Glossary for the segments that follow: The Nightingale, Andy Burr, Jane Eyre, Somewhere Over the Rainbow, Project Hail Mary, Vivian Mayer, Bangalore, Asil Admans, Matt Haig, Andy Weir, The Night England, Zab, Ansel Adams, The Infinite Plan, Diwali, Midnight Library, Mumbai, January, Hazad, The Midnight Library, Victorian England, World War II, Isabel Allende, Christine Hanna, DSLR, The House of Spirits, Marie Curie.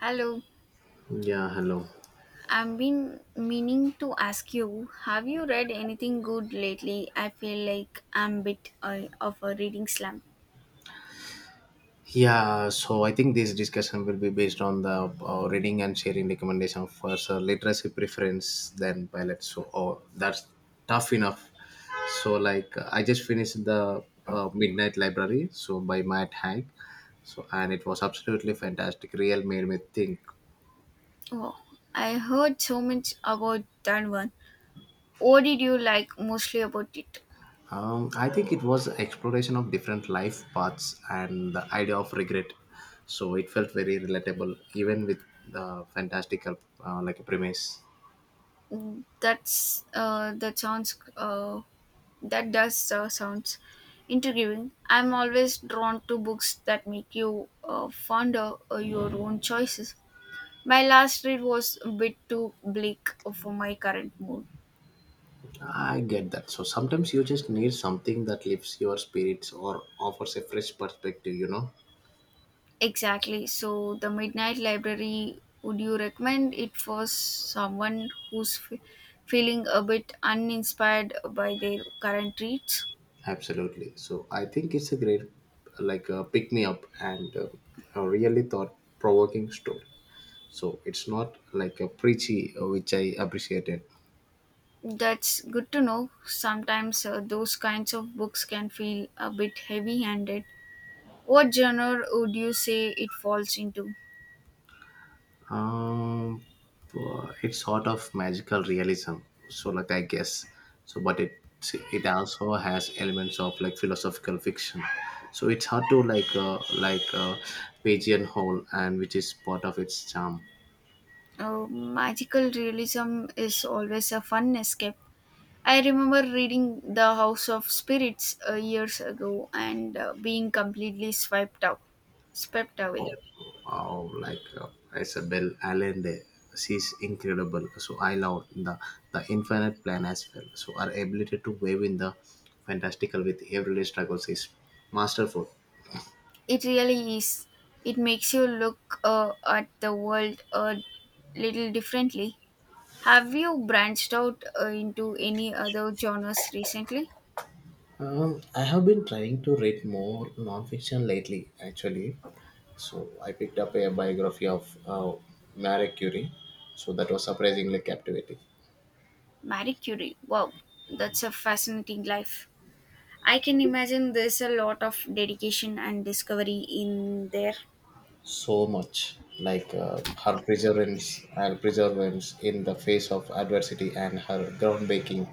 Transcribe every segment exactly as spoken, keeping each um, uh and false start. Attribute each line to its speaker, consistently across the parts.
Speaker 1: Hello,
Speaker 2: Yeah, hello.
Speaker 1: I've been meaning to ask you, have you read anything good lately? I feel like I'm a bit uh, of a reading slump.
Speaker 2: Yeah, so I think this discussion will be based on the uh, reading and sharing recommendation for so literacy preference than pilot. So, oh, that's tough enough. So, like, I just finished the uh, Midnight Library, so by Matt Haig. So, and it was absolutely fantastic. Real made me think.
Speaker 1: Oh, I heard so much about that one. What did you like mostly about it?
Speaker 2: Um, I think it was exploration of different life paths and the idea of regret. So it felt very relatable, even with the fantastical uh, like a premise.
Speaker 1: Mm, that's uh, that sounds uh, that does uh, sounds intriguing. I'm always drawn to books that make you uh, fonder uh, your own choices. My last read was a bit too bleak for my current mood.
Speaker 2: I get that. So sometimes you just need something that lifts your spirits or offers a fresh perspective, you know?
Speaker 1: Exactly. So, the Midnight Library, would you recommend it for someone who's f- feeling a bit uninspired by their current reads?
Speaker 2: Absolutely. So I think it's a great, like, uh, pick me up and uh, a really thought provoking story. So it's not like a preachy, uh, which I appreciated.
Speaker 1: That's good to know. Sometimes uh, those kinds of books can feel a bit heavy handed. What genre would you say it falls into?
Speaker 2: Um, uh, it's sort of magical realism. So, like I guess, so but it it also has elements of like philosophical fiction. So it's hard to like uh, like uh, pigeonhole, and which is part of its charm.
Speaker 1: Uh, magical realism is always a fun escape. I remember reading The House of Spirits uh, years ago and uh, being completely swept out, swept away.
Speaker 2: Oh, oh like uh, Isabel Allende, she's incredible. So I love the the infinite plan as well. So our ability to wave in the fantastical with everyday struggles is masterful.
Speaker 1: It really is. It makes you look uh, at the world a little differently. Have you branched out uh, into any other genres recently?
Speaker 2: Um, I have been trying to read more nonfiction lately, actually. So I picked up a biography of uh, Marie Curie. So that was surprisingly captivating.
Speaker 1: Marie Curie. Wow, that's a fascinating life. I can imagine there's a lot of dedication and discovery in there.
Speaker 2: So much like uh, her perseverance, her perseverance in the face of adversity, and her groundbreaking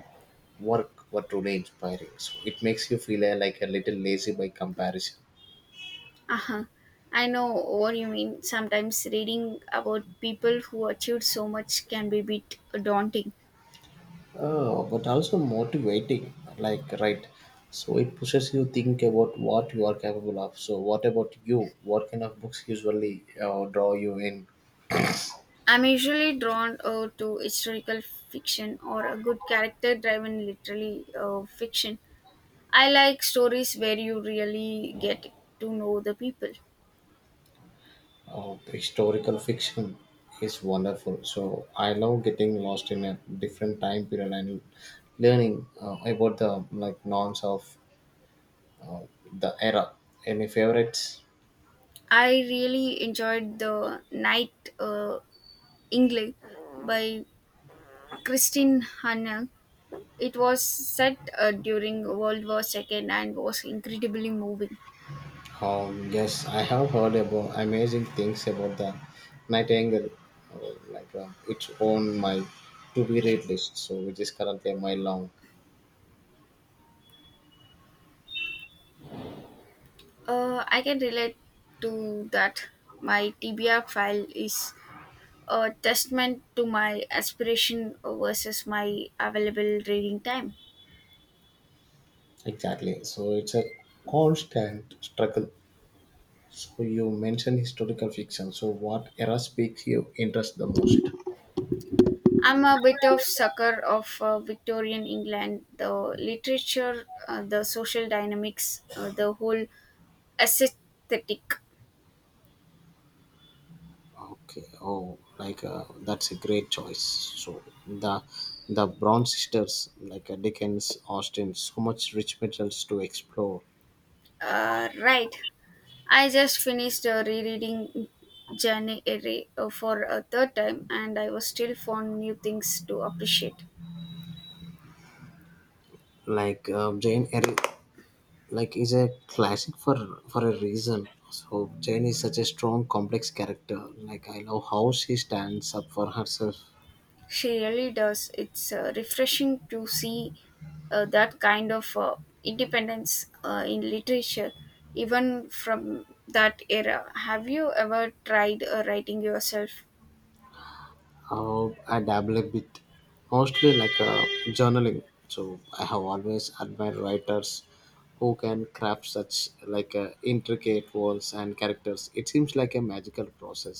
Speaker 2: work were truly inspiring. So it makes you feel uh, like a little lazy by comparison.
Speaker 1: Uh-huh. I know what you mean. Sometimes reading about people who achieved so much can be a bit daunting.
Speaker 2: Oh, but also motivating like right, so it pushes you think about what you are capable of. So what about you? What kind of books usually uh, draw you in?
Speaker 1: I'm usually drawn uh, to historical fiction or a good character driven literary uh, fiction. I like stories where you really get to know the people.
Speaker 2: Uh, historical fiction is wonderful, so I love getting lost in a different time period and learning uh, about the like norms of uh, the era. Any favorites?
Speaker 1: I really enjoyed The Night uh, England by Christine Hanna. It was set uh, during World War two and was incredibly moving.
Speaker 2: Um, yes, I have heard about amazing things about the Nightingale, uh, like uh, it's on my to be read list, so which is currently a mile long.
Speaker 1: Uh, I can relate to that. My T B R file is a testament to my aspiration versus my available reading time.
Speaker 2: Exactly. So it's a constant struggle. So you mentioned historical fiction. So what era speaks you interest the most?
Speaker 1: I'm a bit of sucker of uh, Victorian England, the literature, uh, the social dynamics, uh, the whole aesthetic.
Speaker 2: Okay. Oh, like uh, that's a great choice. So the the Brown sisters, like uh, Dickens, Austen, so much rich materials to explore.
Speaker 1: Uh, right. I just finished uh, rereading January uh, for a third time, and I was still found new things to appreciate.
Speaker 2: Like uh, Jane Eyre like is a classic for for a reason, so Jane is such a strong complex character. Like, I love how she stands up for herself.
Speaker 1: She really does. It's uh, refreshing to see uh, that kind of uh, independence uh, in literature, even from that era. Have you ever tried uh, writing yourself?
Speaker 2: How I dabble a bit, mostly like uh, journaling, so I have always admired writers who can craft such like uh, intricate worlds and characters. It seems like a magical process.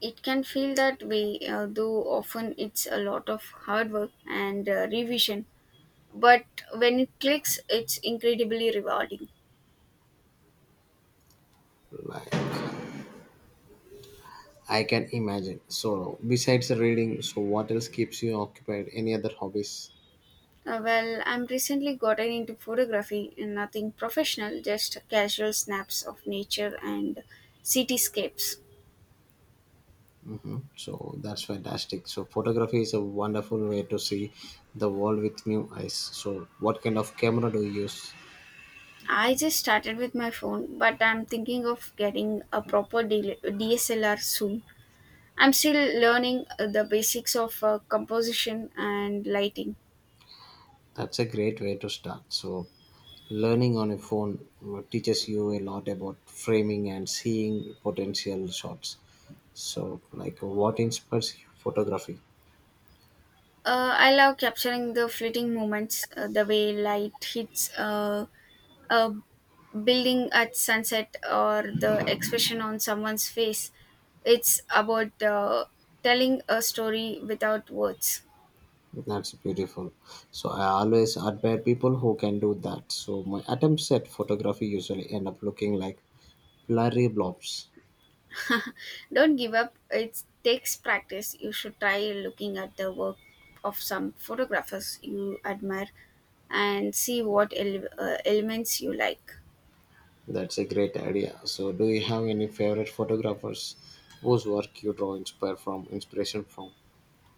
Speaker 1: It can feel that way, uh, though often it's a lot of hard work and uh, revision. But when it clicks, it's incredibly rewarding.
Speaker 2: Like, I can imagine. So besides reading, so what else keeps you occupied? Any other hobbies?
Speaker 1: Uh, well, I'm recently gotten into photography and nothing professional, just casual snaps of nature and cityscapes.
Speaker 2: Mm, so that's fantastic. So photography is a wonderful way to see the world with new eyes. So what kind of camera do you use?
Speaker 1: I just started with my phone, but I'm thinking of getting a proper D- DSLR soon. I'm still learning uh, the basics of uh, composition and lighting.
Speaker 2: That's a great way to start. So learning on a phone uh, teaches you a lot about framing and seeing potential shots. So like what inspires you? Photography?
Speaker 1: Uh, I love capturing the fleeting moments, uh, the way light hits uh, a building at sunset or the expression on someone's face. It's about uh, telling a story without words.
Speaker 2: That's beautiful. So I always admire people who can do that. So my attempts at photography usually end up looking like blurry blobs.
Speaker 1: Don't give up. It takes practice. You should try looking at the work of some photographers you admire and see what ele- uh, elements you like.
Speaker 2: That's a great idea. So, do you have any favorite photographers whose work you draw inspire from inspiration from?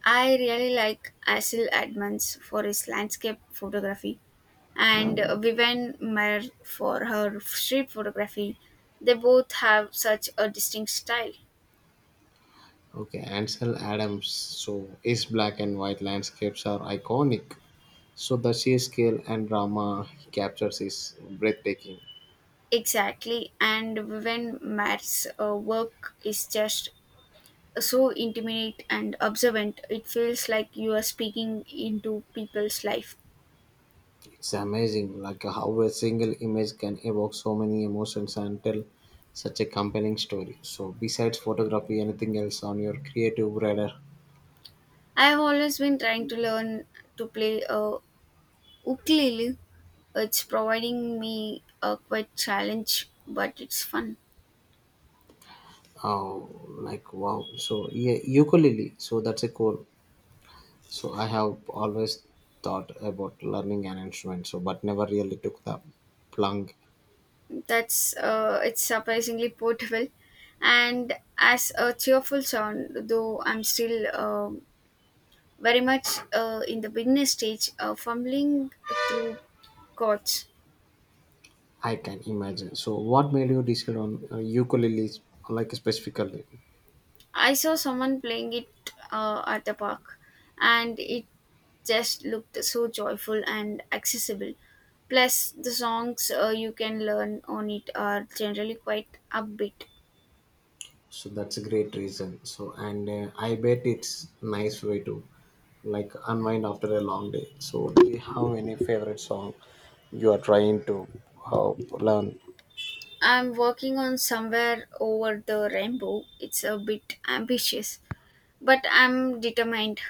Speaker 1: I really like Asil Admans for his landscape photography and Vivian Mayer for her street photography. They both have such a distinct style.
Speaker 2: Okay, Ansel Adams. So, his black and white landscapes are iconic. So, the sheer scale and drama he captures is breathtaking.
Speaker 1: Exactly, and Vivian Mayer's uh, work is just so intimate and observant. It feels like you are speaking into people's life.
Speaker 2: It's amazing, like how a single image can evoke so many emotions and tell such a compelling story. So, besides photography, anything else on your creative radar?
Speaker 1: I have always been trying to learn to play a ukulele. It's providing me a quite challenge, but it's fun.
Speaker 2: Oh, like wow. So yeah, ukulele. So that's a cool. So I have always thought about learning an instrument. So but never really took the plunge.
Speaker 1: That's uh, It's surprisingly portable and as a cheerful sound, though I'm still um very much uh, in the beginner stage, uh, fumbling through chords.
Speaker 2: I can imagine. So what made you decide on uh, ukulele, like specifically?
Speaker 1: I saw someone playing it uh, at the park, and it just looked so joyful and accessible. Plus the songs uh, you can learn on it are generally quite upbeat.
Speaker 2: So that's a great reason. So and uh, I bet it's nice way to like unwind after a long day. So do you have any favorite song you are trying to uh, learn?
Speaker 1: I'm working on Somewhere Over the Rainbow. It's a bit ambitious, but I'm determined.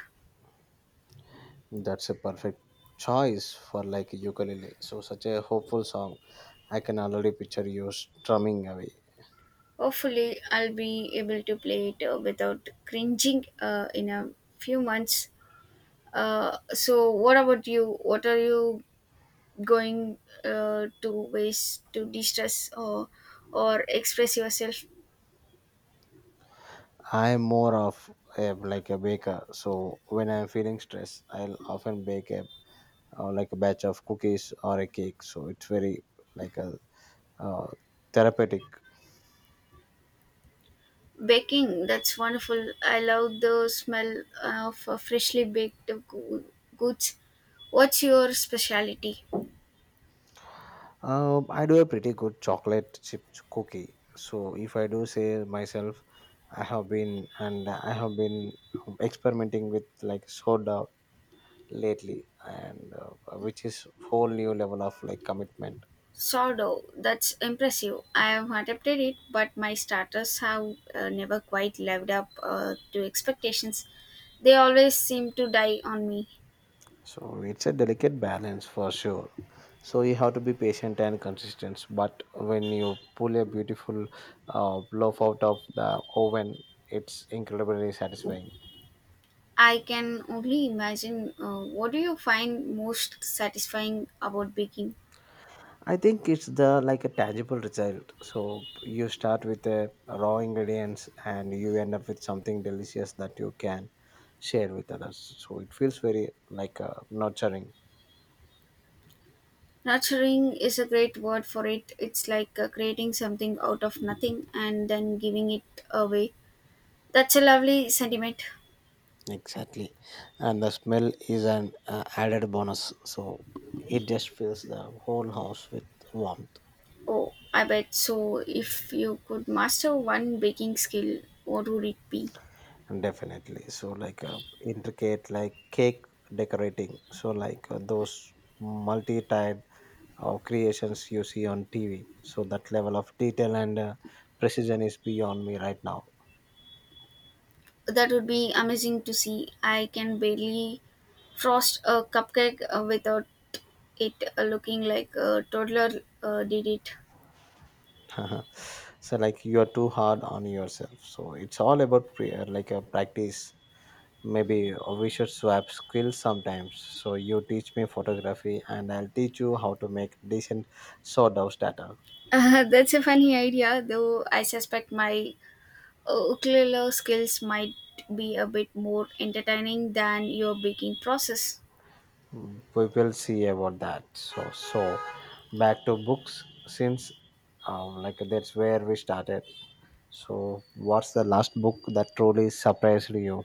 Speaker 2: That's a perfect choice for like ukulele. So such a hopeful song. I can already picture you strumming away.
Speaker 1: Hopefully, I'll be able to play it uh, without cringing uh, in a few months. Uh, so, what about you? What are you going uh, to ways to de stress, or, or express yourself?
Speaker 2: I'm more of a like a baker. So when I'm feeling stressed, I'll often bake a uh, like a batch of cookies or a cake. So it's very like a uh, therapeutic.
Speaker 1: Baking, that's wonderful. I love the smell of uh, freshly baked goo- goods. What's your specialty?
Speaker 2: Um, I do a pretty good chocolate chip cookie. So if I do say myself, I have been and I have been experimenting with like soda lately and uh, which is whole new level of like commitment.
Speaker 1: Sourdough, that's impressive. I have adapted it, but my starters have uh, never quite lived up uh, to expectations. They always seem to die on me.
Speaker 2: So it's a delicate balance for sure. So you have to be patient and consistent, but when you pull a beautiful uh, loaf out of the oven, it's incredibly satisfying.
Speaker 1: I can only imagine. Uh, what do you find most satisfying about baking?
Speaker 2: I think it's the like a tangible result, so you start with the raw ingredients and you end up with something delicious that you can share with others. So it feels very like uh, nurturing.
Speaker 1: Nurturing is a great word for it. It's like uh, creating something out of nothing and then giving it away. That's a lovely sentiment.
Speaker 2: Exactly. And the smell is an uh, added bonus. So it just fills the whole house with warmth.
Speaker 1: Oh, I bet. So, if you could master one baking skill, what would it be?
Speaker 2: And definitely. So, like uh, intricate, like cake decorating. So, like uh, those multi tied uh, creations you see on T V. So, that level of detail and uh, precision is beyond me right now.
Speaker 1: That would be amazing to see. I can barely frost a cupcake uh, without it uh, looking like a toddler uh, did it.
Speaker 2: So, like, you are too hard on yourself. So, it's all about prayer, like a practice. Maybe we should swap skills sometimes. So you teach me photography and I'll teach you how to make decent sawdust data.
Speaker 1: Uh, that's a funny idea, though I suspect my uh, ukulele skills might be a bit more entertaining than your baking process.
Speaker 2: We will see about that. So so back to books since um, like that's where we started. So what's the last book that truly surprised you?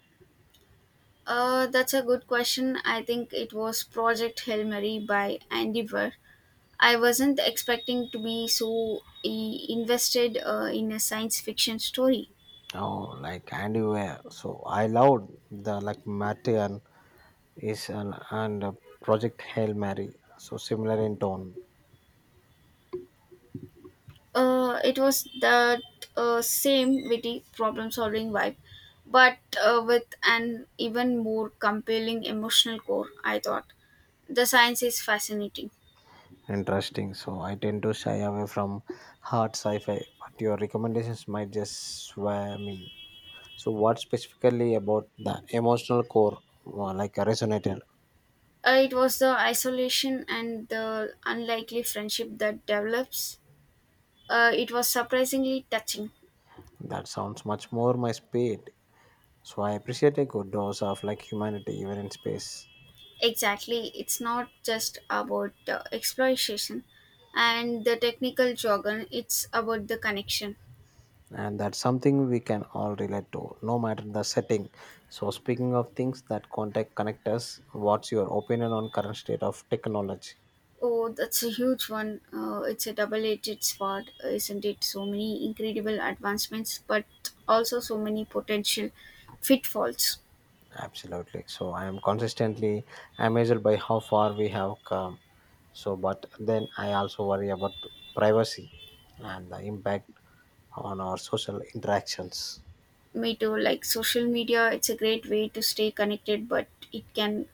Speaker 1: Uh, that's a good question. I think it was Project Hail Mary by Andy Burr. I wasn't expecting to be so i- invested uh, in a science fiction story.
Speaker 2: Oh, like Andy Weir. So I loved the like Matty and is and, and uh, Project Hail Mary. So similar in tone.
Speaker 1: Uh, it was that uh, same witty problem solving vibe, but uh, with an even more compelling emotional core, I thought. The science is fascinating.
Speaker 2: Interesting. So I tend to shy away from hard sci-fi, but your recommendations might just sway me. So what specifically about the emotional core, uh, like a resonator?
Speaker 1: Uh, it was the isolation and the unlikely friendship that develops. Uh, it was surprisingly touching.
Speaker 2: That sounds much more my speed. So I appreciate a good dose of like humanity even in space.
Speaker 1: Exactly, it's not just about uh, exploitation and the technical jargon, it's about the connection.
Speaker 2: And that's something we can all relate to, no matter the setting. So speaking of things that contact connect us, what's your opinion on current state of technology?
Speaker 1: Oh, that's a huge one. Uh, it's a double edged sword, uh, isn't it? So many incredible advancements, but also so many potential pitfalls.
Speaker 2: Absolutely. So I am consistently amazed by how far we have come. So, but then I also worry about privacy and the impact on our social interactions.
Speaker 1: Me too, like social media, it's a great way to stay connected, but it can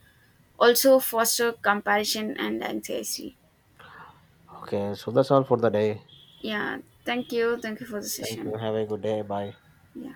Speaker 1: also foster comparison and anxiety.
Speaker 2: Okay, so that's all for the day.
Speaker 1: Yeah, thank you. Thank you for the
Speaker 2: Thank you.
Speaker 1: session.
Speaker 2: Have a good day. Bye.
Speaker 1: Yeah.